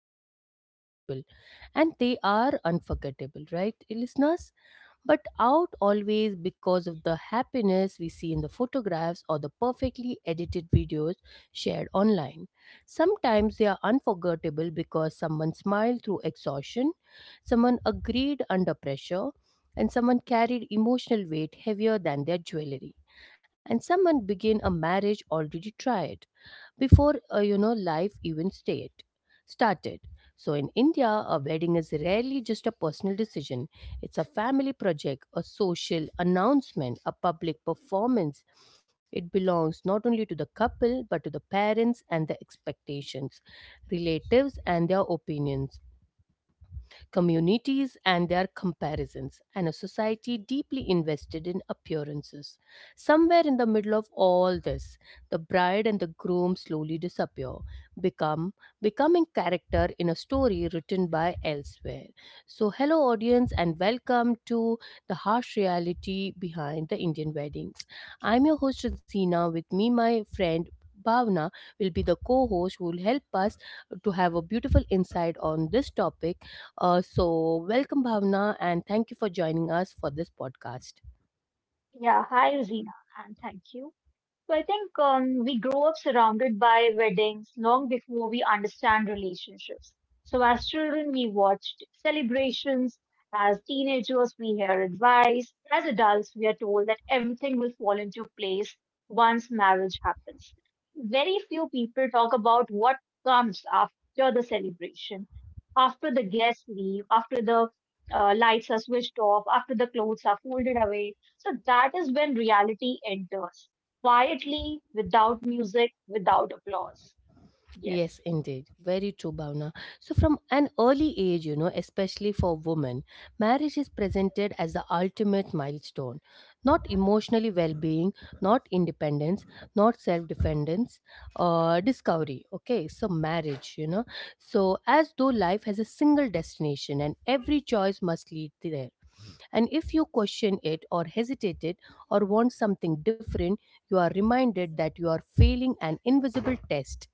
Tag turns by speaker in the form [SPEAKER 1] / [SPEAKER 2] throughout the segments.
[SPEAKER 1] even unforgettable. And they are unforgettable, right, listeners? But out always because of the happiness we see in the photographs or the perfectly edited videos shared online. Sometimes they are unforgettable because someone smiled through exhaustion, someone agreed under pressure, and someone carried emotional weight heavier than their jewelry, and someone began a marriage already tried before life even stayed started. So, in India, a wedding is rarely just a personal decision, it's a family project, a social announcement, a public performance. It belongs not only to the couple, but to the parents and their expectations, relatives and their opinions, communities and their comparisons, and a society deeply invested in appearances. Somewhere in the middle of all this, the bride and the groom slowly disappear, become becoming character in a story written by elsewhere. So, hello audience, and welcome to the harsh reality behind the Indian weddings. I'm your host Razina. With me, my friend Bhavna will be the co-host who will help us to have a beautiful insight on this topic, so, welcome, Bhavna, and thank you for joining us for this podcast.
[SPEAKER 2] Yeah, hi Rosina, and thank you. So I think we grow up surrounded by weddings long before we understand relationships. So as children, we watched celebrations. As teenagers, we hear advice. As adults, we are told that everything will fall into place once marriage happens. Very few people talk about what comes after the celebration, after the guests leave, after the lights are switched off, after the clothes are folded away. So that is when reality enters quietly, without music, without applause.
[SPEAKER 1] Yes,
[SPEAKER 2] Yes.
[SPEAKER 1] indeed. Very true, Bhavna. So, from an early age, you know, especially for women, marriage is presented as the ultimate milestone. Not emotionally well being, not independence, not self defendence, discovery. Okay, so marriage, you know. So, as though life has a single destination and every choice must lead there. And if you question it or hesitate it or want something different, you are reminded that you are failing an invisible test.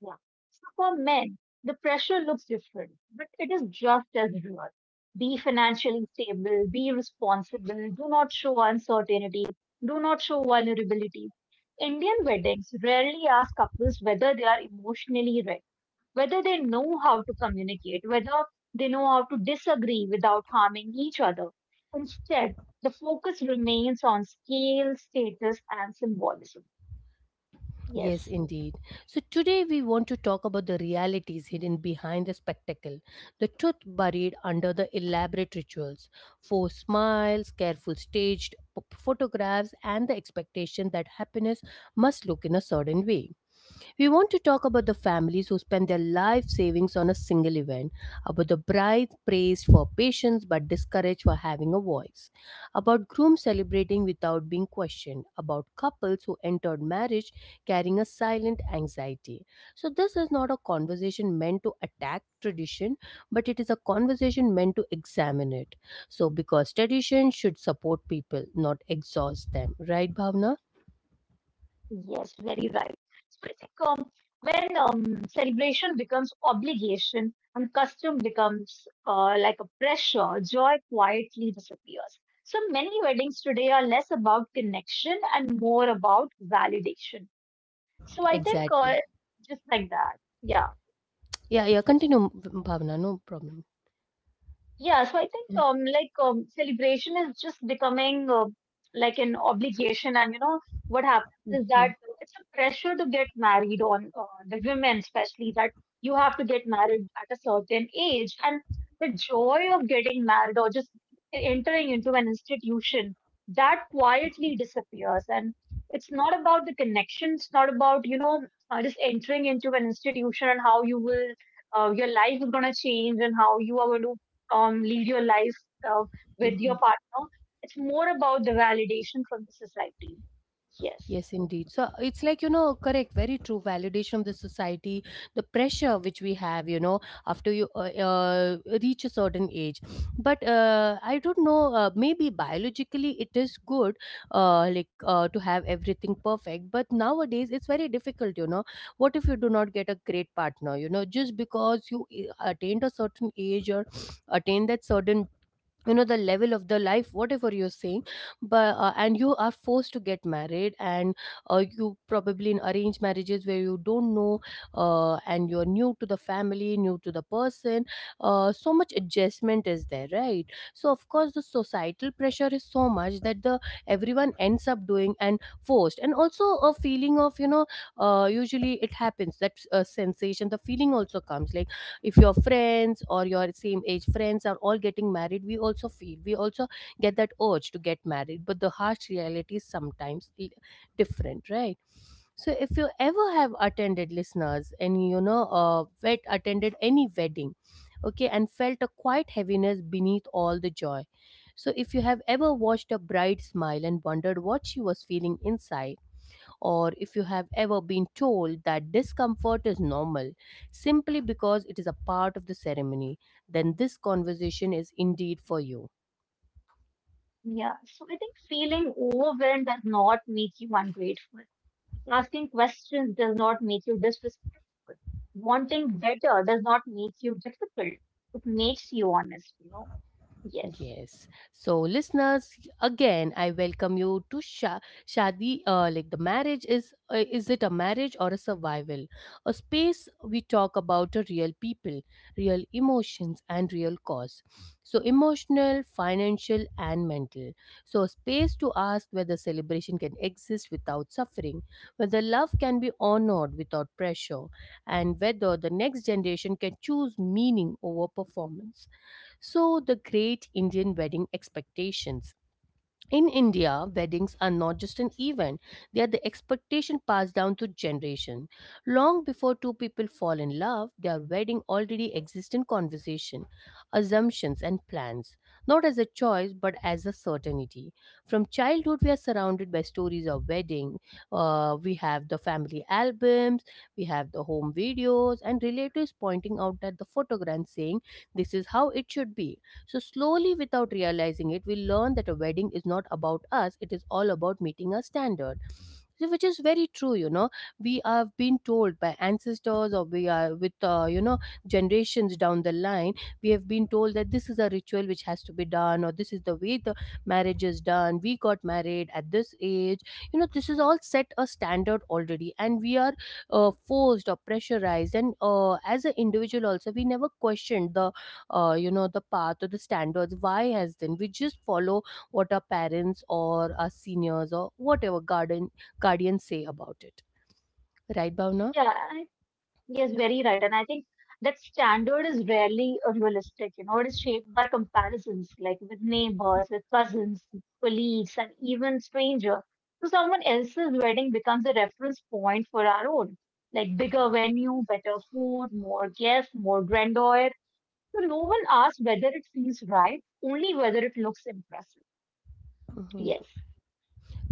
[SPEAKER 2] Yeah. So for men, the pressure looks different, but it is just as real. Be financially stable, be responsible, do not show uncertainty, do not show vulnerability. Indian weddings rarely ask couples whether they are emotionally ready, whether they know how to communicate, whether they know how to disagree without harming each other. Instead, the focus remains on scale, status, and symbolism.
[SPEAKER 1] Yes,
[SPEAKER 2] Yes,
[SPEAKER 1] indeed. So today we want to talk about the realities hidden behind the spectacle, the truth buried under the elaborate rituals, forced smiles, careful staged photographs, and the expectation that happiness must look in a certain way. We want to talk about the families who spend their life savings on a single event, about the brides praised for patience but discouraged for having a voice, about grooms celebrating without being questioned, about couples who entered marriage carrying a silent anxiety. So, this is not a conversation meant to attack tradition, but it is a conversation meant to examine it. So, because tradition should support people, not exhaust them, right, Bhavna?
[SPEAKER 2] yes, very right. So I think when celebration becomes obligation and custom becomes like a pressure, joy quietly disappears. So many weddings today are less about connection and more about validation. So I think
[SPEAKER 1] Exactly.
[SPEAKER 2] Just like that. Yeah.
[SPEAKER 1] Yeah, yeah,
[SPEAKER 2] Yes.
[SPEAKER 1] continue, Bhavna, no problem.
[SPEAKER 2] Yeah, so I think like celebration is just becoming like an obligation, and you know what happens is that
[SPEAKER 1] Mhm,
[SPEAKER 2] it's a pressure to get married on the women, especially that you have to get married at a certain age, and the joy of getting married or just entering into an institution that quietly disappears, and it's not about the connection, it's not about just entering into an institution and how you will your life is going to change and how you are going to lead your life uh, with your
[SPEAKER 1] mhm.
[SPEAKER 2] partner. It's more about the validation from the society. Yes.
[SPEAKER 1] Yes, indeed. So it's like, you know, correct, very true. Validation of the society, the pressure which we have, you know, after you reach a certain age. But I don't know, maybe biologically it is good, like to have everything perfect. But nowadays it's very difficult, you know. What if you do not get a great partner, you know, just because you attained a certain age or attain that certain, you know, the level of the life whatever you're saying, but and you are forced to get married, and you probably in arranged marriages where you don't know, and you're new to the family, new to the person, so much adjustment is there, right? So of course the societal pressure is so much that the everyone ends up doing and forced, and also a feeling of, you know, usually it happens that sensation the feeling also comes like if your friends or your same age friends are all getting married, we also feel, we also get that urge to get married, but the harsh reality is sometimes different, right? So if you ever have attended, listeners, and you know, attended any wedding, okay, and felt a quiet heaviness beneath all the joy. So if you have ever watched a bride smile and wondered what she was feeling inside, or if you have ever been told that discomfort is normal simply because it is a part of the ceremony, then this conversation is indeed for you.
[SPEAKER 2] Yeah. So I think feeling overwhelmed does not make you ungrateful. Asking questions does not make you disrespectful. Wanting better does not make you difficult. It makes you honest, you know? Yes.
[SPEAKER 1] Yes. So, listeners, again, I welcome you to Shadi. Like the marriage is it a marriage or a survival? A space we talk about a real people, real emotions, and real cause. So, emotional, financial, and mental. So, a space to ask whether celebration can exist without suffering, whether love can be honored without pressure, and whether the next generation can choose meaning over performance. So, the great Indian wedding expectations. In India, weddings are not just an event, they are the expectation passed down to generation. Long before two people fall in love, their wedding already exists in conversation, assumptions, and plans, not as a choice but as a certainty. From childhood, we are surrounded by stories of wedding. We have the family albums, we have the home videos, and relatives pointing out at the photograph saying, "This is how it should be." So, slowly, without realizing it, we learn that a wedding is not about us, it is all about meeting a standard. So, which is very true, you know, we have been told by ancestors, or we are with, you know, generations down the line, we have been told that this is a ritual which has to be done, or this is the way the marriage is done, we got married at this age, you know, this is all set a standard already, and we are forced or pressurized, and as an individual also we never questioned the you know the path or the standards, why has then we just follow what our parents or our seniors or whatever garden guardians say about it. Right, Bhavna?
[SPEAKER 2] Yeah. Yes, very right. And I think that standard is rarely realistic. You know, it is shaped by comparisons, like with neighbors, with cousins, colleagues, and even strangers. So someone else's wedding becomes a reference point for our own, like bigger venue, better food, more guests, more grandeur. So no one asks whether it feels right, only whether it looks impressive.
[SPEAKER 1] Mhm.
[SPEAKER 2] Yes.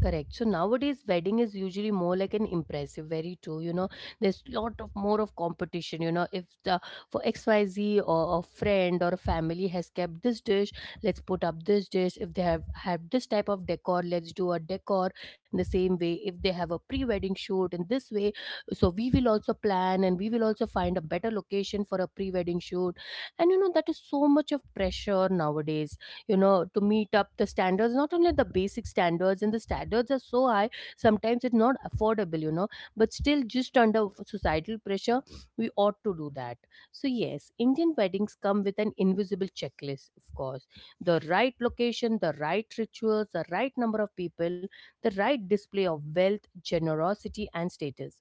[SPEAKER 1] Correct. So nowadays, wedding is usually more like an impressive. Very true. You know, there's lot of more of competition. You know, if the for XYZ or a friend or a family has kept this dish, let's put up this dish. If they have this type of decor, let's do a decor in the same way. If they have a pre-wedding shoot in this way, so we will also plan and we will also find a better location for a pre-wedding shoot. And you know, that is so much of pressure nowadays, you know, to meet up the standards, not only the basic standards, and the standards are so high sometimes it's not affordable, you know, but still just under societal pressure we ought to do that. So yes, Indian weddings come with an invisible checklist, of course, the right location, the right rituals, the right number of people, the right display of wealth, generosity, and status.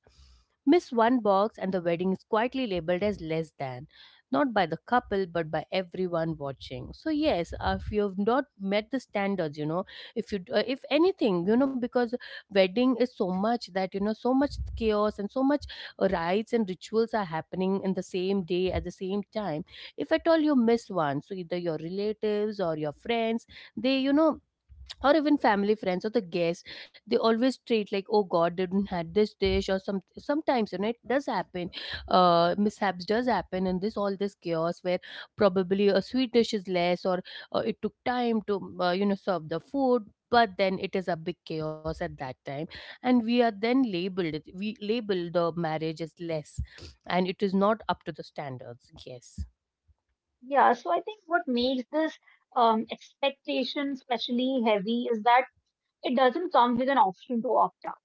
[SPEAKER 1] Miss one box and the wedding is quietly labeled as less than, not by the couple but by everyone watching. So yes, if you've not met the standards, you know, if you, if anything, you know, because wedding is so much that, you know, so much chaos and so much rites and rituals are happening in the same day at the same time, if at all you miss one, so either your relatives or your friends, they, you know, or even family friends or the guests, they always treat like, oh god, they didn't had this dish, or some sometimes, you know, it does happen, mishaps does happen in this all this chaos, where probably a sweet dish is less, or it took time to, you know, serve the food, but then it is a big chaos at that time, and we are then labeled we label the marriage as less, and it is not up to the standards. Yes.
[SPEAKER 2] Yeah. So I think what makes this expectation especially heavy is that it doesn't come with an option to opt out.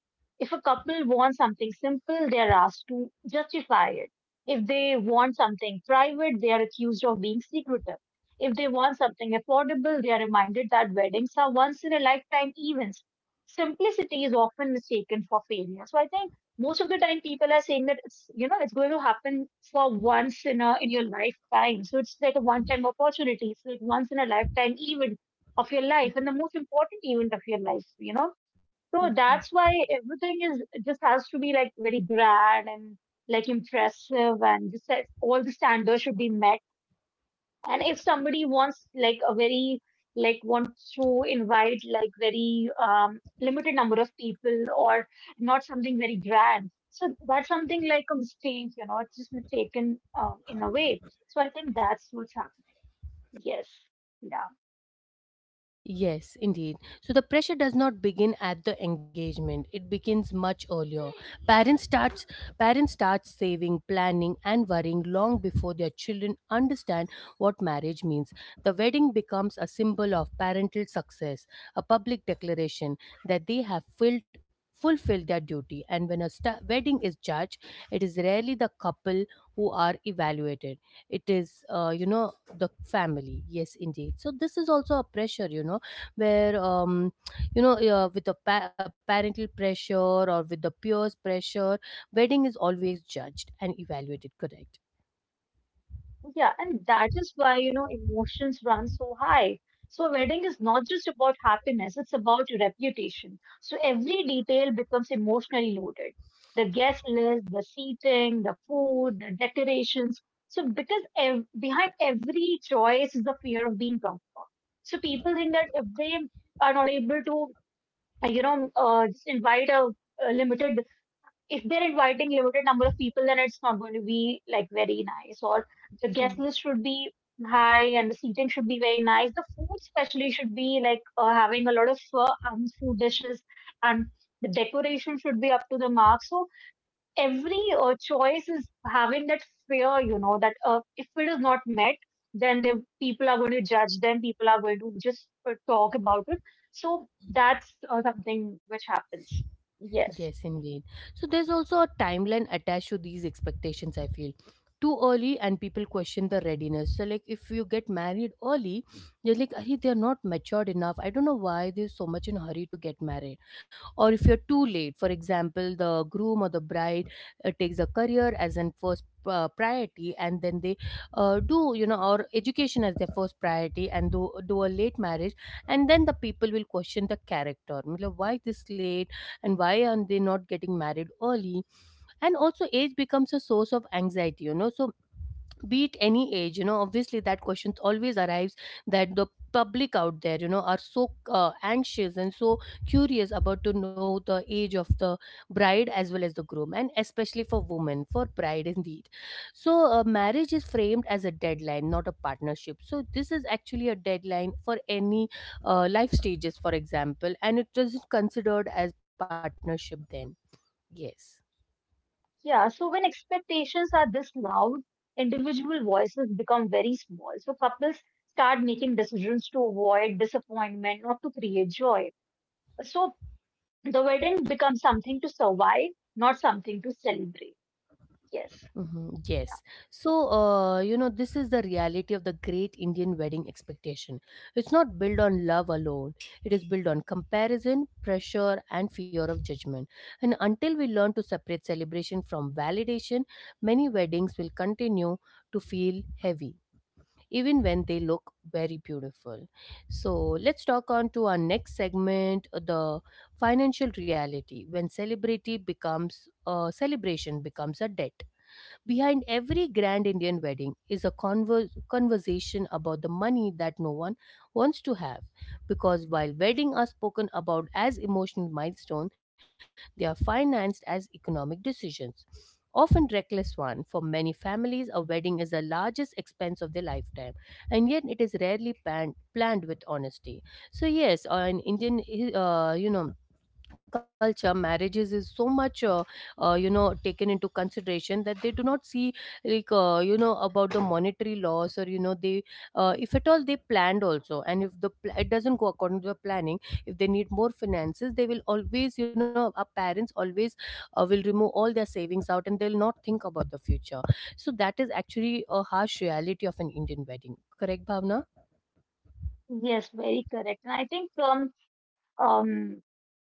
[SPEAKER 2] If a couple wants something simple, they are asked to justify it. If they want something private, they are accused of being secretive. If they want something affordable, they are reminded that weddings are once in a lifetime events. Simplicity is often mistaken for failure. So I think most of the time people are saying that it's you know it's going to happen for once in your lifetime. So it's like a one time opportunity. So, it's like once in a lifetime event of your life and the most important event of your life, you know. So
[SPEAKER 1] Mhm.
[SPEAKER 2] that's why everything is just has to be like very grand and like impressive and just that all the standards should be met. And if somebody wants like a very like wants to invite like very limited number of people or not something very grand. So that's something like a mistake, you know, it's just taken in a way. So I think that's what's happening. Yes. Yeah.
[SPEAKER 1] Yes, indeed. So the pressure does not begin at the engagement. It begins much earlier. Parents starts parents start saving, planning and worrying long before their children understand what marriage means. The wedding becomes a symbol of parental success, a public declaration that they have filled fulfilled their duty, and when a wedding is judged, it is rarely the couple who are evaluated, it is, you know, the family. Yes, indeed, so this is also a pressure, you know, where you know, with a, a parental pressure, or with the peers pressure, wedding is always judged and evaluated, correct?
[SPEAKER 2] Yeah, and that is why, you know, emotions run so high. So, a wedding is not just about happiness, it's about your reputation. So, every detail becomes emotionally loaded. The guest list, the seating, the food, the decorations. So, because behind every choice is the fear of being wrong. So, people think that if they are not able to, just invite a limited, if they're inviting limited number of people, then it's not going to be like very nice. Or the guest
[SPEAKER 1] Mm.
[SPEAKER 2] list should be high, and the seating should be very nice. The food, especially, should be like having a lot of food dishes, and the decoration should be up to the mark. So every choice is having that fear, you know, that if it is not met, then the people are going to judge them. People are going to just talk about it. So that's something which happens. Yes.
[SPEAKER 1] Yes, indeed. So there's also a timeline attached to these expectations, I feel. Too early and people question the readiness. So like if you get married early, they're like, Ari, they're not matured enough. I don't know why they're so much in a hurry to get married. Or if you're too late, for example, the groom or the bride takes a career as an first priority, and then they do, you know, or education as their first priority, and do a late marriage. And then the people will question the character. Matlab, why this late? And why are they not getting married early? And also age becomes a source of anxiety, you know, so be it any age, you know, obviously that question always arrives, that the public out there, you know, are so anxious and so curious about to know the age of the bride as well as the groom, and especially for women, for bride indeed. So marriage is framed as a deadline, not a partnership. So this is actually a deadline for any life stages, for example, and it isn't considered as partnership then. Yes.
[SPEAKER 2] Yeah, so when expectations are this loud, individual voices become very small. So couples start making decisions to avoid disappointment, not to create joy. So the wedding becomes something to survive, not something to celebrate. Yes.
[SPEAKER 1] Hmm. Yes.
[SPEAKER 2] Yeah.
[SPEAKER 1] So, you know, this is the reality of the great Indian wedding expectation. It's not built on love alone, it is built on comparison, pressure, and fear of judgment. And until we learn to separate celebration from validation, many weddings will continue to feel heavy, even when they look very beautiful. So let's talk on to our next segment, the financial reality, when celebrity becomes celebration becomes a debt. Behind every grand Indian wedding is a conversation about the money that no one wants to have. Because while weddings are spoken about as emotional milestones, they are financed as economic decisions. Often reckless one. For many families, a wedding is the largest expense of their lifetime, and yet it is rarely planned with honesty. So yes, in Indian, you know, culture, marriages is so much you know, taken into consideration that they do not see, like you know, about the monetary loss, or you know, they if at all they planned also, and if the it doesn't go according to the planning, if they need more finances, they will always, you know, our parents always will remove all their savings out, and they'll not think about the future. So that is actually a harsh reality of an Indian wedding. Correct, Bhavna?
[SPEAKER 2] Yes, very correct. And I think um,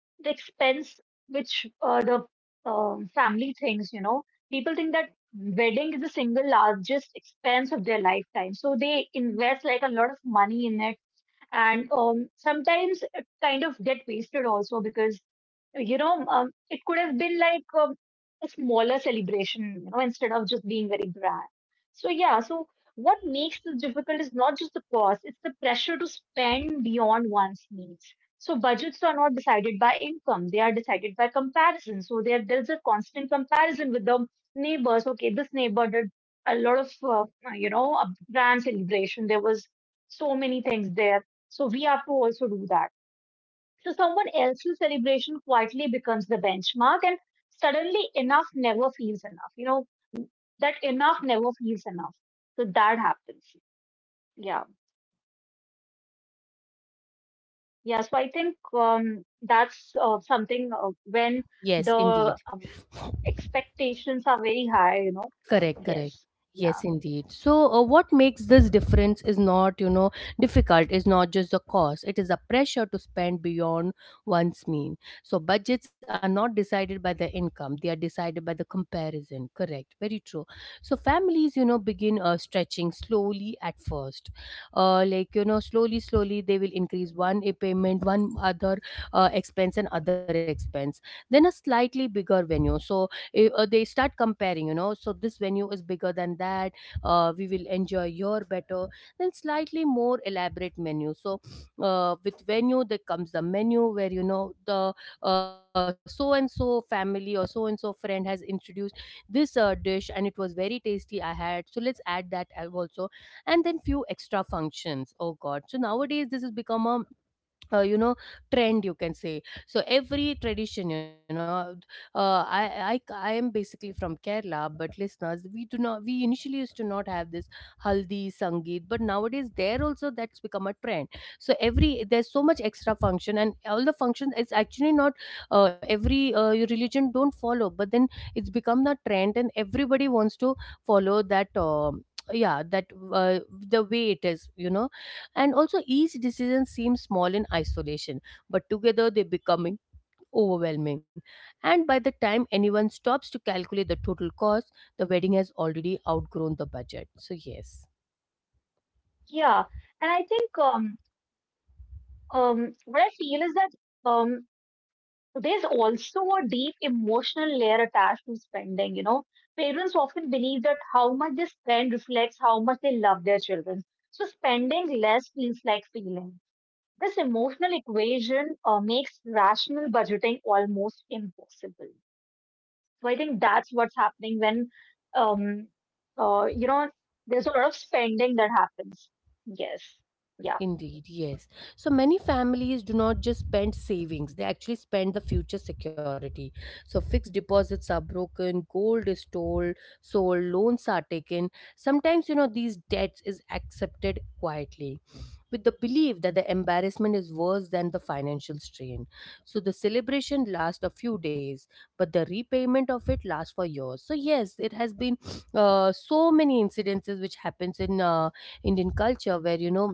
[SPEAKER 2] the expense which the family thinks, you know, people think that wedding is the single largest expense of their lifetime. So they invest like a lot of money in it and sometimes it kind of get wasted also because you know it could have been like a smaller celebration you know instead of just being very grand. So yeah, so what makes this difficult is not just the cost, it's the pressure to spend beyond one's needs. So budgets are not decided by income, they are decided by comparison. So there's a constant comparison with the neighbors. Okay, this neighbor did a lot of you know a grand celebration, there was so many things there, so we have to also do that. So someone else's celebration quietly becomes the benchmark, and suddenly enough never feels enough. You know, that enough never feels enough. So that happens. Yeah. Yeah. So I think that's something when
[SPEAKER 1] Yes,
[SPEAKER 2] the
[SPEAKER 1] indeed.
[SPEAKER 2] expectations are very high, you know.
[SPEAKER 1] Correct, correct.
[SPEAKER 2] Yes. Yeah.
[SPEAKER 1] Yes, indeed. So, what makes this difference is not, you know, difficult, is not just the cost, it is the pressure to spend beyond one's mean. So budgets are not decided by the income, they are decided by the comparison. Correct, very true. So families, you know, begin stretching slowly at first. Like, you know, slowly, slowly, they will increase one a payment, one other expense, and other expense, then a slightly bigger venue. So, they start comparing, you know, so this venue is bigger than that, we will enjoy your better, then slightly more elaborate menu. So with venue there comes the menu where, you know, the so and so family or so and so friend has introduced this dish and it was very tasty, I had, so let's add that also. And then few extra functions. Oh god, so nowadays this has become a you know, trend, you can say. So every tradition, you know, uh, I, I I am basically from Kerala, but listeners, we do not, we initially used to not have this haldi sangeet, but nowadays there also that's become a trend. So every, there's so much extra function, and all the function is actually not every your religion don't follow, but then it's become the trend and everybody wants to follow that. Um, yeah, that uh, the way it is, you know. And also, each decision seems small in isolation, but together they become overwhelming. And by the time anyone stops to calculate the total cost, the wedding has already outgrown the budget. So, yes.
[SPEAKER 2] Yeah. And I think what I feel is that. Um, There's also a deep emotional layer attached to spending. You know, parents often believe that how much they spend reflects how much they love their children. So spending less feels like feeling. This emotional equation makes rational budgeting almost impossible. So I think that's what's happening when, um, you know, there's a lot of spending that happens. Yes. Yeah.
[SPEAKER 1] Indeed, yes. So many families do not just spend savings, they actually spend the future security. So fixed deposits are broken, gold is sold, loans are taken. Sometimes, you know, these debts is accepted quietly with the belief that the embarrassment is worse than the financial strain. So the celebration lasts a few days, but the repayment of it lasts for years. So yes, it has been so many incidences which happens in Indian culture where, you know,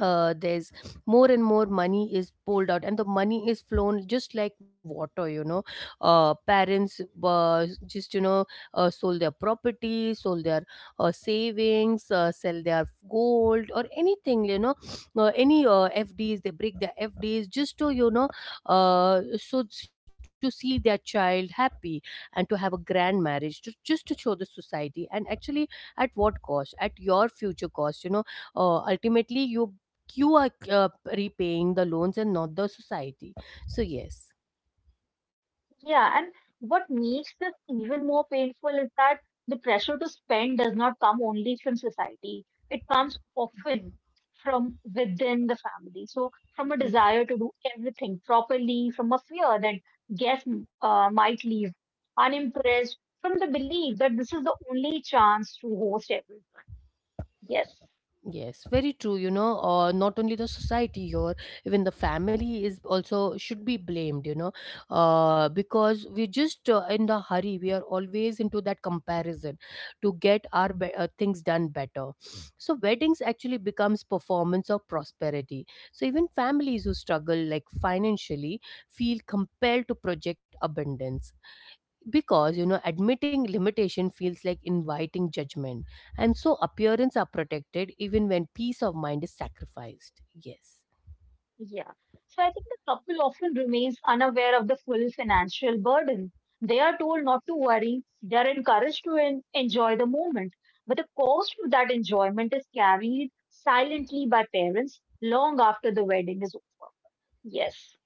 [SPEAKER 1] there's more and more money is pulled out, and the money is flown just like water, you know. Parents just, you know, sold their property, sold their savings, sell their gold or anything, you know, any FDs, they break their FDs just to, you know, to see their child happy and to have a grand marriage, to just to show the society. And actually at what cost? At your future cost, you know. Ultimately you are repaying the loans and not the society. So yes.
[SPEAKER 2] Yeah, and what makes this even more painful is that the pressure to spend does not come only from society. It comes often from within the family. So, from a
[SPEAKER 1] Mm.
[SPEAKER 2] desire to do everything properly, from a fear that guests might leave unimpressed, from the belief that this is the only chance to host everything. Yes.
[SPEAKER 1] Yes, very true. You know, not only the society or even the family is also should be blamed. You know, because we're just in the hurry. We are always into that comparison to get our things done better. So weddings actually becomes performance of prosperity. So even families who struggle like financially feel compelled to project abundance, because you know, admitting limitation feels like inviting judgment. And so appearance are protected even when peace of mind is sacrificed. Yes.
[SPEAKER 2] Yeah. So I think the couple often remains unaware of the full financial burden. They are told not to worry. They are encouraged to enjoy the moment. But the cost of that enjoyment is carried silently by parents long after the wedding is over. Yes.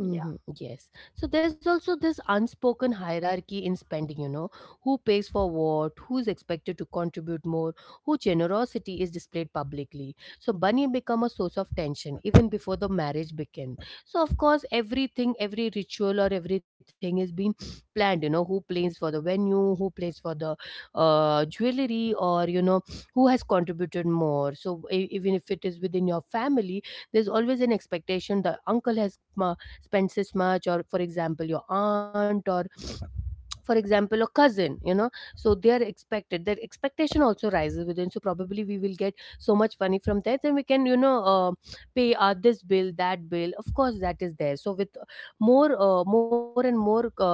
[SPEAKER 2] Yeah.
[SPEAKER 1] Hmm. Yes. So there's also this unspoken hierarchy in spending, you know, who pays for what, who's expected to contribute more, who generosity is displayed publicly. So money become a source of tension even before the marriage began. So of course everything, every ritual or everything is being planned, you know, who plays for the venue, who plays for the jewelry, or you know, who has contributed more. So even if it is within your family, there's always an expectation the uncle has spends this much, or for example your aunt, or for example a cousin, you know. So they are expected. Their expectation also rises within, so probably we will get so much money from that, then we can, you know, pay this bill, that bill. Of course that is there. So with more and more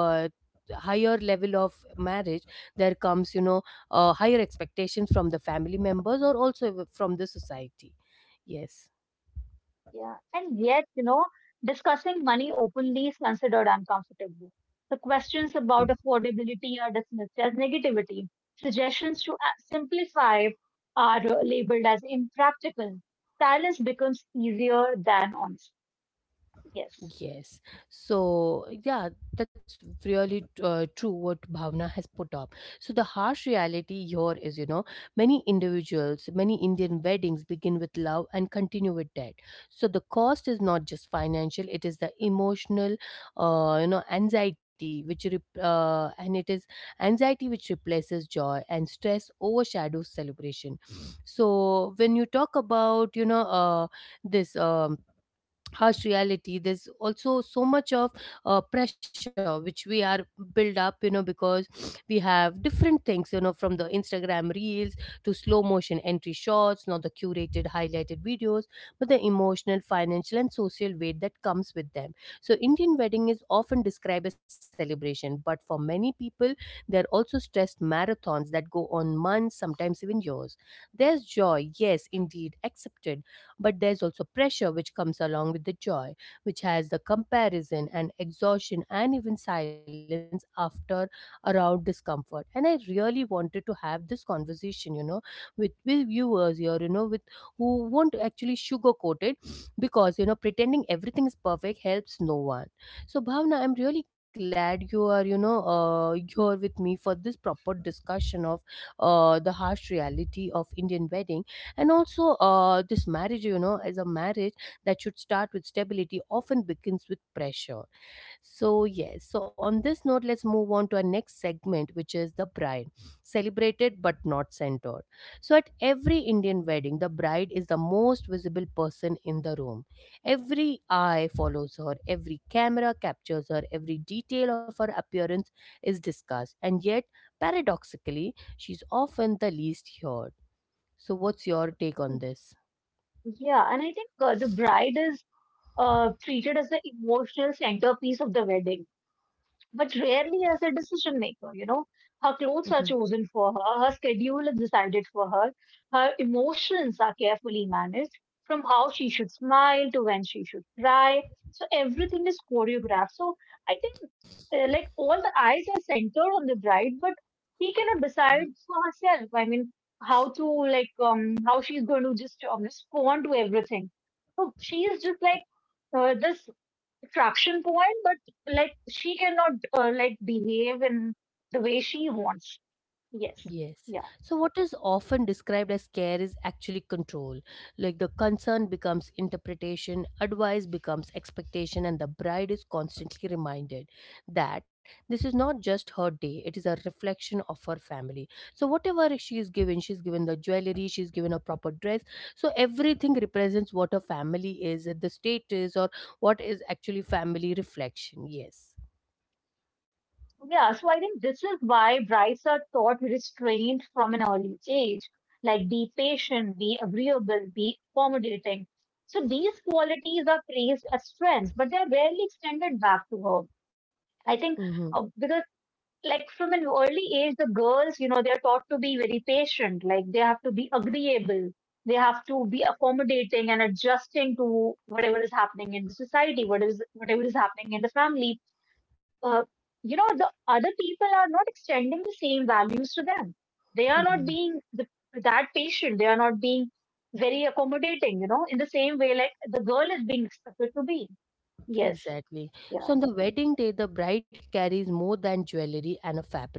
[SPEAKER 1] higher level of marriage, there comes, you know, higher expectations from the family members or also from the society. Yes.
[SPEAKER 2] Yeah, and yet, you know, discussing money openly is considered uncomfortable. The questions about affordability are dismissed as negativity. Suggestions to simplify are labeled as impractical. Silence becomes easier than honesty. Yes.
[SPEAKER 1] Yes. So, yeah, that's really true what Bhavna has put up. So the harsh reality here is, you know, many individuals, many Indian weddings begin with love and continue with debt. So the cost is not just financial, it is the emotional, you know, anxiety, and it is anxiety which replaces joy, and stress overshadows celebration. So when you talk about, you know, this, harsh reality, there's also so much of pressure which we are built up, you know, because we have different things, you know, from the Instagram reels to slow motion entry shots, not the curated highlighted videos, but the emotional, financial, and social weight that comes with them. So Indian wedding is often described as celebration, but for many people, they're also stressed marathons that go on months, sometimes even years. There's joy, yes, indeed, accepted, but there's also pressure which comes along with the joy, which has the comparison and exhaustion and even silence after around discomfort. And I really wanted to have this conversation, you know, with viewers here, you know, with who won't actually sugarcoat it, because you know, pretending everything is perfect helps no one. So, Bhavna, I'm really glad you are, you know, here with me for this proper discussion of the harsh reality of Indian wedding, and also this marriage, you know, as a marriage that should start with stability often begins with pressure. So yes, so on this note, let's move on to our next segment, which is the bride, celebrated but not centered. So at every Indian wedding, the bride is the most visible person in the room. Every eye follows her, every camera captures her, every detail of her appearance is discussed. And yet paradoxically, she's often the least heard. So, what's your take on this?
[SPEAKER 2] Yeah, and I think the bride is treated as the emotional centerpiece of the wedding, but rarely as a decision maker. You know, her clothes
[SPEAKER 1] Hmm.
[SPEAKER 2] are chosen for her, her schedule is decided for her, her emotions are carefully managed from how she should smile to when she should cry. So everything is choreographed. So I think like all the eyes are centered on the bride, but she cannot decide for herself. I mean, how to like how she's going to just respond to everything. So she is just like this attraction point, but like she cannot like behave in the way she wants. Yes.
[SPEAKER 1] Yes.
[SPEAKER 2] Yeah.
[SPEAKER 1] So what is often described as care is actually control. Like the concern becomes interpretation, advice becomes expectation, and the bride is constantly reminded that this is not just her day, it is a reflection of her family. So whatever she is given, she's given the jewelry, she's given a proper dress. So everything represents what her family is, the status, or what is actually family reflection. Yes.
[SPEAKER 2] Yeah. So I think this is why brides are taught restraint from an early age. Like be patient, be agreeable, be accommodating. So these qualities are praised as strengths, but they're rarely extended back to her. I think
[SPEAKER 1] Mm-hmm.
[SPEAKER 2] because like from an early age, the girls, you know, they're taught to be very patient. Like they have to be agreeable. They have to be accommodating and adjusting to whatever is happening in the society, what is whatever is happening in the family. Uh, you know, the other people are not extending the same values to them. They are not being that patient. They are not being very accommodating. You know, in the same way, like the girl is being expected to be. Yes.
[SPEAKER 1] Exactly. So
[SPEAKER 2] Yeah.
[SPEAKER 1] on the wedding day, the bride carries more than jewelry and a fabric.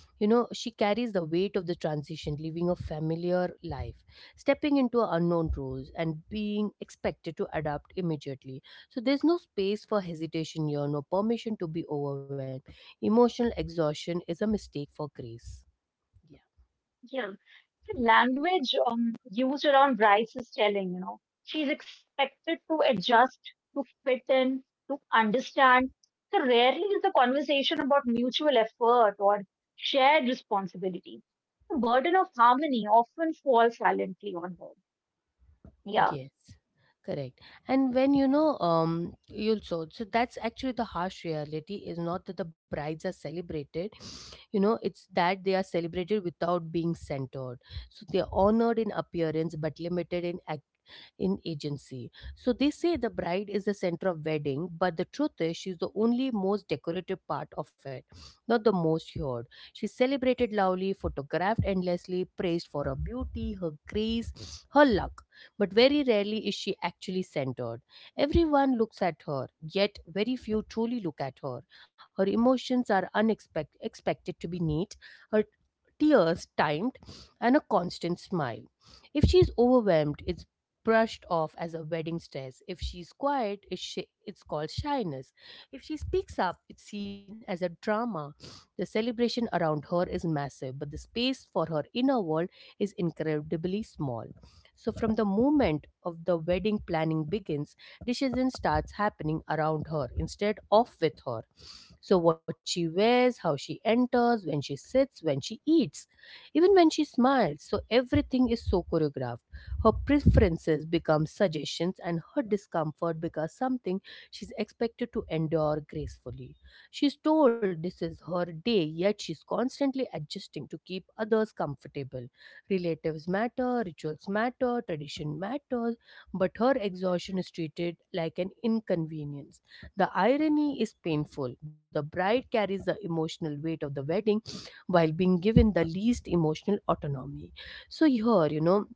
[SPEAKER 1] You know, she carries the weight of the transition, leaving a familiar life, stepping into unknown roles, and being expected to adapt immediately. So there's no space for hesitation here, no permission to be overwhelmed. Emotional exhaustion is a mistake for grace. Yes.
[SPEAKER 2] Yeah, the language used around brides is telling, you know, she's expected to adjust, to fit in, to understand. So rarely is the conversation about mutual effort or shared responsibility. The burden of harmony often falls silently on her. Yeah,
[SPEAKER 1] Yes, correct. And when you know, you'll so so that's actually the harsh reality, is not that the brides are celebrated, you know, it's that they are celebrated without being centered. So they are honored in appearance but limited in act in agency. So they say the bride is the center of wedding, but the truth is she's the only most decorative part of it, not the most heard. She's celebrated loudly, photographed endlessly, praised for her beauty, her grace, her luck but very rarely is she actually centered. Everyone looks at her, yet very few truly look at her. Her emotions are unexpected expected to be neat, her tears timed and a constant smile. If she's overwhelmed, it's brushed off as a wedding stress. If she's quiet, it's called shyness. If she speaks up, it's seen as a drama. The celebration around her is massive, but the space for her inner world is incredibly small. So, from the moment of the wedding planning begins, decision starts happening around her instead of with her. So, what she wears, how she enters, when she sits, when she eats, even when she smiles. So, everything is so choreographed. Her preferences become suggestions, and her discomfort becomes something she's expected to endure gracefully. She's told this is her day, yet she's constantly adjusting to keep others comfortable. Relatives matter, rituals matter, tradition matters but her exhaustion is treated like an inconvenience. The irony is painful. The bride carries the emotional weight of the wedding while being given the least emotional autonomy. So, here,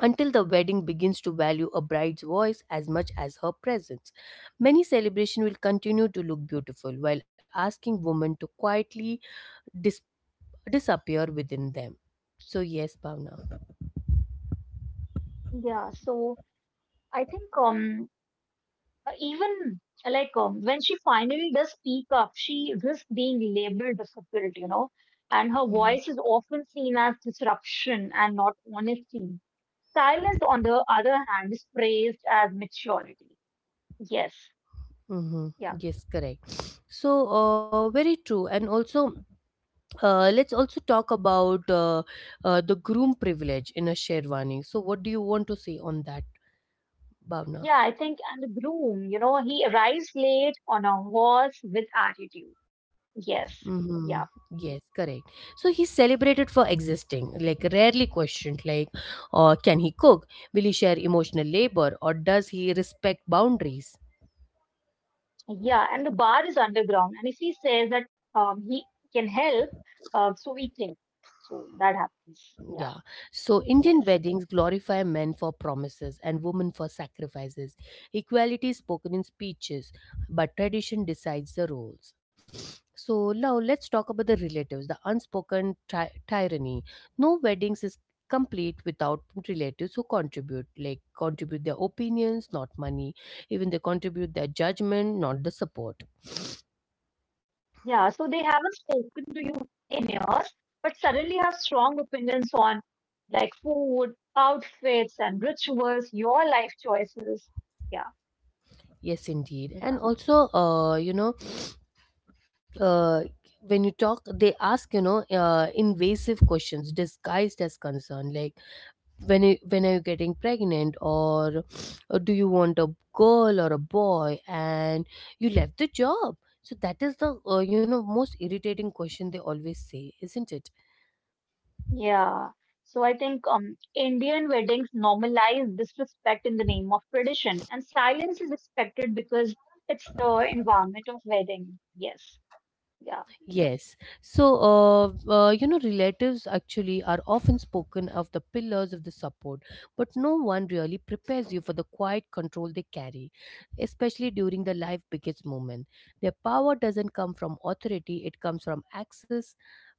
[SPEAKER 1] until the wedding begins to value a bride's voice as much as her presence, many celebrations will continue to look beautiful while asking women to quietly dis- disappear within them. So, yes, Bhavna.
[SPEAKER 2] yeah. So I think, even when she finally does speak up, she risks being labeled difficult, you know, and her
[SPEAKER 1] Hmm.
[SPEAKER 2] voice is often seen as disruption and not honesty. Silence, on the other hand, is praised as maturity. Yes,
[SPEAKER 1] Mm-hmm.
[SPEAKER 2] yeah,
[SPEAKER 1] Yes, correct. So, very true. And also, let's also talk about the groom privilege in a Sherwani. So, what do you want to say on that, Bhavna?
[SPEAKER 2] yeah, I think. And the groom, you know, he arrives late on a horse with attitude. Yes,
[SPEAKER 1] Mm-hmm.
[SPEAKER 2] yeah,
[SPEAKER 1] Yes, correct. So, he's celebrated for existing, like, rarely questioned, like, can he cook? Will he share emotional labor? Or does he respect boundaries?
[SPEAKER 2] yeah, and the bar is underground, and if he says that he can help, so we can. So that happens.
[SPEAKER 1] Yeah.
[SPEAKER 2] Yeah.
[SPEAKER 1] So Indian
[SPEAKER 2] Yes.
[SPEAKER 1] weddings glorify men for promises and women for sacrifices. Equality is spoken in speeches, but tradition decides the roles. So now let's talk about the relatives, the unspoken tyranny. No weddings is complete without relatives who contribute, like contribute their opinions, not money. Even they contribute their judgment, not the support.
[SPEAKER 2] Yeah. So they haven't spoken to you in years, but suddenly have strong opinions on like food, outfits, and rituals, your life choices. Yeah.
[SPEAKER 1] Yes, indeed. And
[SPEAKER 2] Yeah.
[SPEAKER 1] also, uh, when you talk they ask invasive questions disguised as concern like when are you getting pregnant or do you want a girl or a boy and you left the job so that is the most irritating question they always say isn't it.
[SPEAKER 2] Yeah. So I think Indian weddings normalize disrespect in the name of tradition, and silence is expected because it's the environment of wedding. Yes. Yeah.
[SPEAKER 1] Yes. So, relatives actually are often spoken of the pillars of the support, but no one really prepares you for the quiet control they carry, especially during the life biggest moment. Their power doesn't come from authority, it comes from access,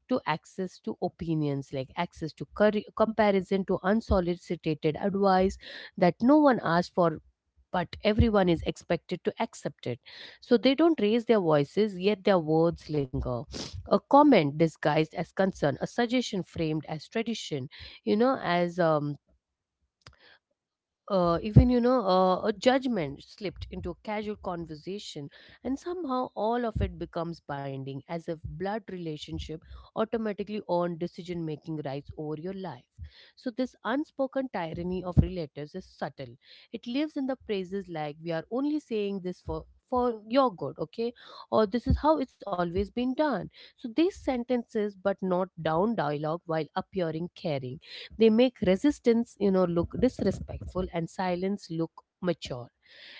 [SPEAKER 1] to access to opinions like access to comparison to unsolicited advice that no one asked for but everyone is expected to accept it. So they don't raise their voices yet their words linger, a comment disguised as concern, a suggestion framed as tradition, you know as even you know a judgment slipped into a casual conversation, and somehow all of it becomes binding as if blood relationship automatically own decision making rights over your life. So this unspoken tyranny of relatives is subtle, it lives in the phrases like we are only saying this for your good, okay, or this is how it's always been done. So these sentences but not down dialogue while appearing caring, they make resistance, look disrespectful and silence look mature.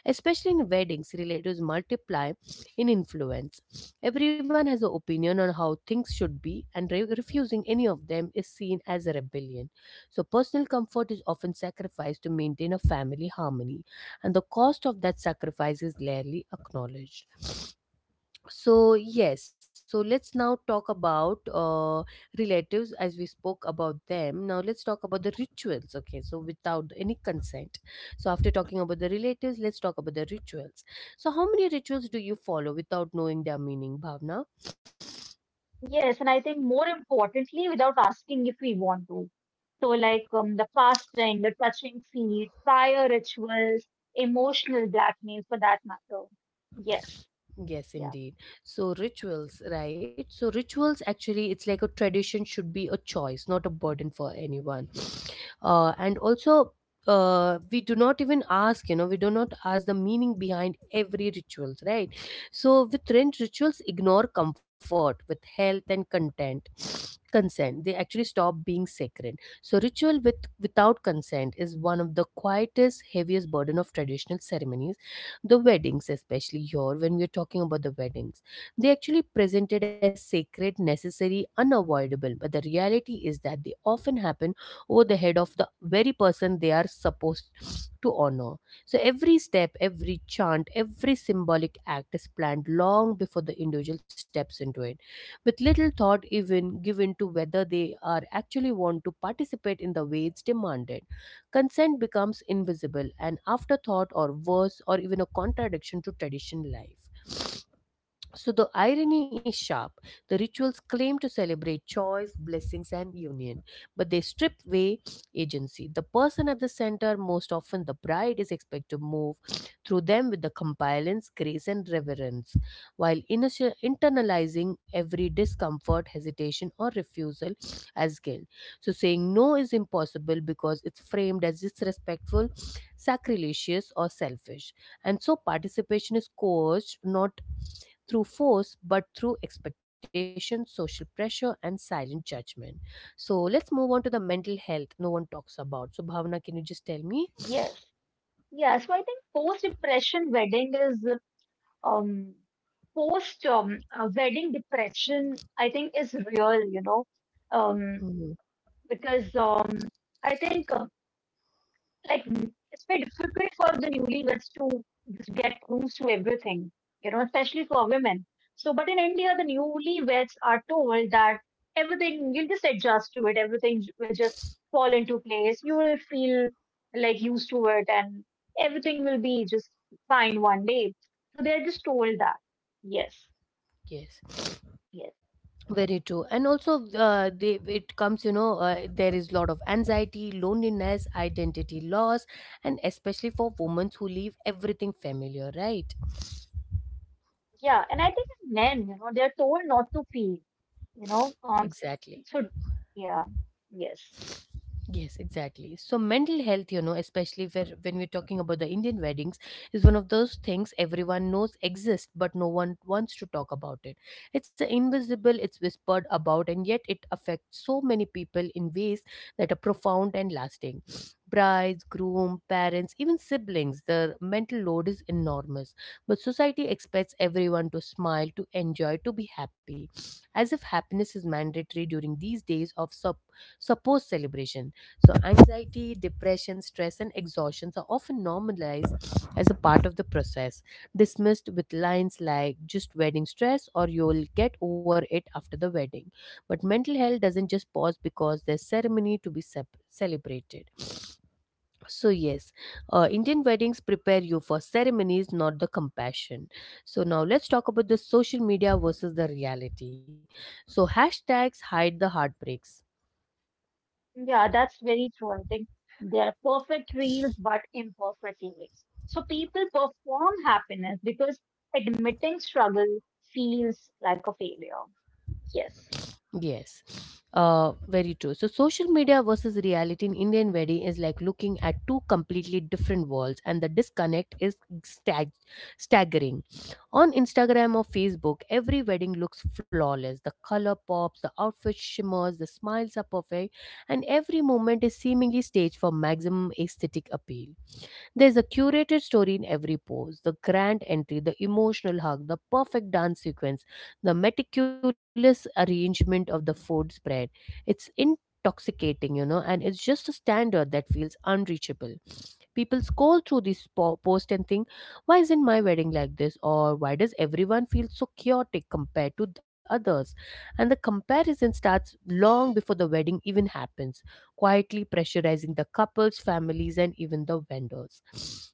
[SPEAKER 1] Especially in weddings, relatives multiply in influence. Everyone has an opinion on how things should be, and refusing any of them is seen as a rebellion. So, personal comfort is often sacrificed to maintain a family harmony, and the cost of that sacrifice is rarely acknowledged. So yes, so let's now talk about relatives. As we spoke about them, now let's talk about the rituals, okay, so without any consent. So after talking about the relatives, let's talk about the rituals. So how many rituals do you follow without knowing their meaning, Bhavna?
[SPEAKER 2] Yes, and I think more importantly, without asking if we want to. So, like the fasting, the touching feet, fire rituals, emotional blackmail for that matter. Yes,
[SPEAKER 1] Yes,
[SPEAKER 2] yeah,
[SPEAKER 1] indeed. So rituals, right, so rituals actually it's like a tradition should be a choice not a burden for anyone. And also, we do not even ask, we do not ask the meaning behind every rituals, right? So with rent rituals ignore comfort, with health and content consent, they actually stop being sacred. So ritual with without consent is one of the quietest heaviest burden of traditional ceremonies. The weddings, especially here when we're talking about the weddings, they actually presented as sacred, necessary, unavoidable, but the reality is that they often happen over the head of the very person they are supposed to honor. So every step, every chant, every symbolic act is planned long before the individual steps into it, with little thought even given to whether they are actually want to participate in the way it's demanded. Consent becomes invisible, an afterthought or worse, or even a contradiction to tradition life. So the irony is sharp. The rituals claim to celebrate choice, blessings, and union, but they strip away agency. The person at the center, most often the bride, is expected to move through them with the compliance, grace, and reverence, while internalizing every discomfort, hesitation, or refusal as guilt. So saying no is impossible because it's framed as disrespectful, sacrilegious, or selfish, and so participation is coerced, not through force but through expectation, social pressure, and silent judgment. So let's move on to the mental health no one talks about. So, Bhavna, can you just tell me?
[SPEAKER 2] yes, yeah. So, I think post depression wedding is um, post wedding depression, I think, is real, you know, um,
[SPEAKER 1] Mhm.
[SPEAKER 2] because I think like it's very difficult for the newlyweds to just get used to everything, you know, especially for women. So, but in India, the newlyweds are told that everything you'll just adjust to it, everything will just fall into place, you will feel like used to it, and everything will be just fine one day. So, they're just told that, yes,
[SPEAKER 1] Yes,
[SPEAKER 2] yes,
[SPEAKER 1] very true. And also, it comes, there is lot of anxiety, loneliness, identity loss, and especially for women who leave everything familiar, right?
[SPEAKER 2] yeah. And I think in men, you know, they're told not to feel, you know,
[SPEAKER 1] Exactly.
[SPEAKER 2] so yeah, yes.
[SPEAKER 1] Yes, exactly. So mental health, especially where when we're talking about the Indian weddings, is one of those things everyone knows exists, but no one wants to talk about it. It's a invisible, it's whispered about, and yet it affects so many people in ways that are profound and lasting. Brides, groom, parents, even siblings, the mental load is enormous. But society expects everyone to smile, to enjoy, to be happy, as if happiness is mandatory during these days of Suppose celebration. So, anxiety, depression, stress, and exhaustions are often normalized as a part of the process, dismissed with lines like just wedding stress or you'll get over it after the wedding. But mental health doesn't just pause because there's ceremony to be celebrated. So, yes, Indian weddings prepare you for ceremonies, not the compassion. So, now let's talk about the social media versus the reality. So, hashtags hide the heartbreaks.
[SPEAKER 2] Yeah, that's very true. I think they're perfect reels, but imperfect lyrics. So people perform happiness because admitting struggle feels like a failure. Yes.
[SPEAKER 1] Yes, very true. So, social media versus reality in Indian wedding is like looking at two completely different worlds, and the disconnect is stag- staggering. On Instagram or Facebook, every wedding looks flawless. The color pops, the outfit shimmers, the smiles are perfect, and every moment is seemingly staged for maximum aesthetic appeal. There's a curated story in every pose, the grand entry, the emotional hug, the perfect dance sequence, the meticulous arrangement of the food spread. It's intoxicating, you know, and it's just a standard that feels unreachable. People scroll through this post and think, why isn't my wedding like this? Or why does everyone feel so chaotic compared to the others? And the comparison starts long before the wedding even happens, quietly pressurizing the couples, families, and even the vendors.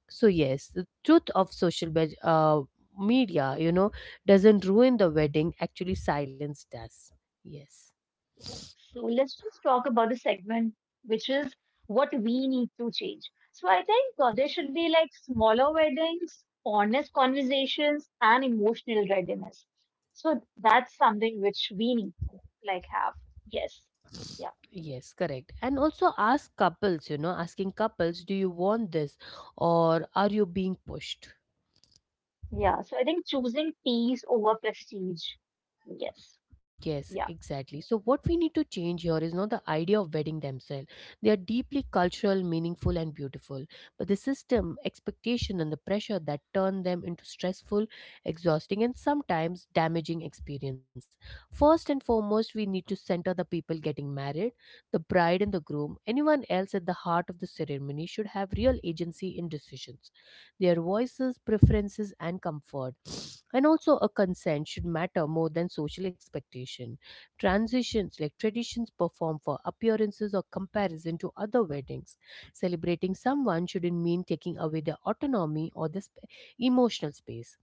[SPEAKER 1] So, yes, the truth of social media, you know, doesn't ruin the wedding, actually, silence does. Yes.
[SPEAKER 2] So so let's just talk about the segment, which is what we need to change. So I think there should be like smaller weddings, honest conversations, and emotional readiness. So that's something which we need to like have. Yes. Yeah.
[SPEAKER 1] Yes, correct. And also ask couples, you know, asking couples, do you want this or are you being pushed?
[SPEAKER 2] Yeah, so I think choosing peace over prestige. Yes.
[SPEAKER 1] Yes,
[SPEAKER 2] Yeah.
[SPEAKER 1] exactly. So, what we need to change here is not the idea of wedding themselves. They are deeply cultural, meaningful, and beautiful. But the system, expectation, and the pressure that turn them into stressful, exhausting, and sometimes damaging experience. First and foremost, we need to center the people getting married, the bride and the groom. Anyone else at the heart of the ceremony should have real agency in decisions. Their voices, preferences, and comfort and also a consent should matter more than social expectation, transitions like traditions perform for appearances or comparison to other weddings. Celebrating someone shouldn't mean taking away their autonomy or this emotional space.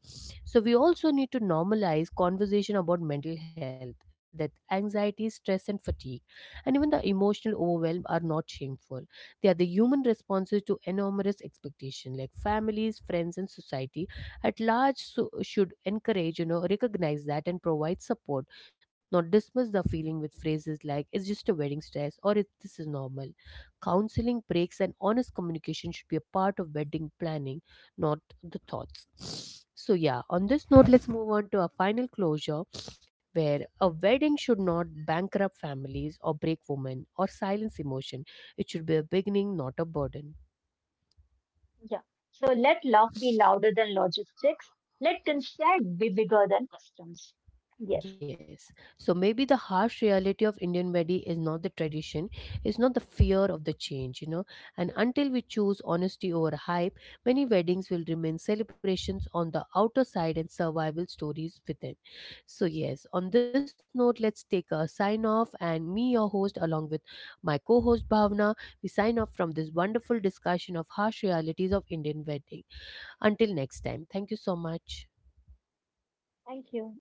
[SPEAKER 1] So we also need to normalize conversation about mental health, that anxiety, stress and fatigue and even the emotional overwhelm are not shameful. They are the human responses to enormous expectation like families, friends and society at large. So, should encourage, recognize that and provide support, not dismiss the feeling with phrases like it's just a wedding stress or it, this is normal. Counseling, breaks, and honest communication should be a part of wedding planning, not the thoughts. So, yeah, on this note, let's move on to our final closure where a wedding should not bankrupt families or break women or silence emotion. It should be a beginning, not a burden.
[SPEAKER 2] Yeah. So let love be louder than logistics. Let consent be bigger than customs. Yes.
[SPEAKER 1] Yes. So maybe the harsh reality of Indian wedding is not the tradition, it's not the fear of the change, you know. And until we choose honesty over hype, many weddings will remain celebrations on the outer side and survival stories within. So, yes, on this note, let's take a sign off. And me, your host, along with my co host Bhavna, we sign off from this wonderful discussion of harsh realities of Indian wedding. Until next time, thank you so much.
[SPEAKER 2] Thank you.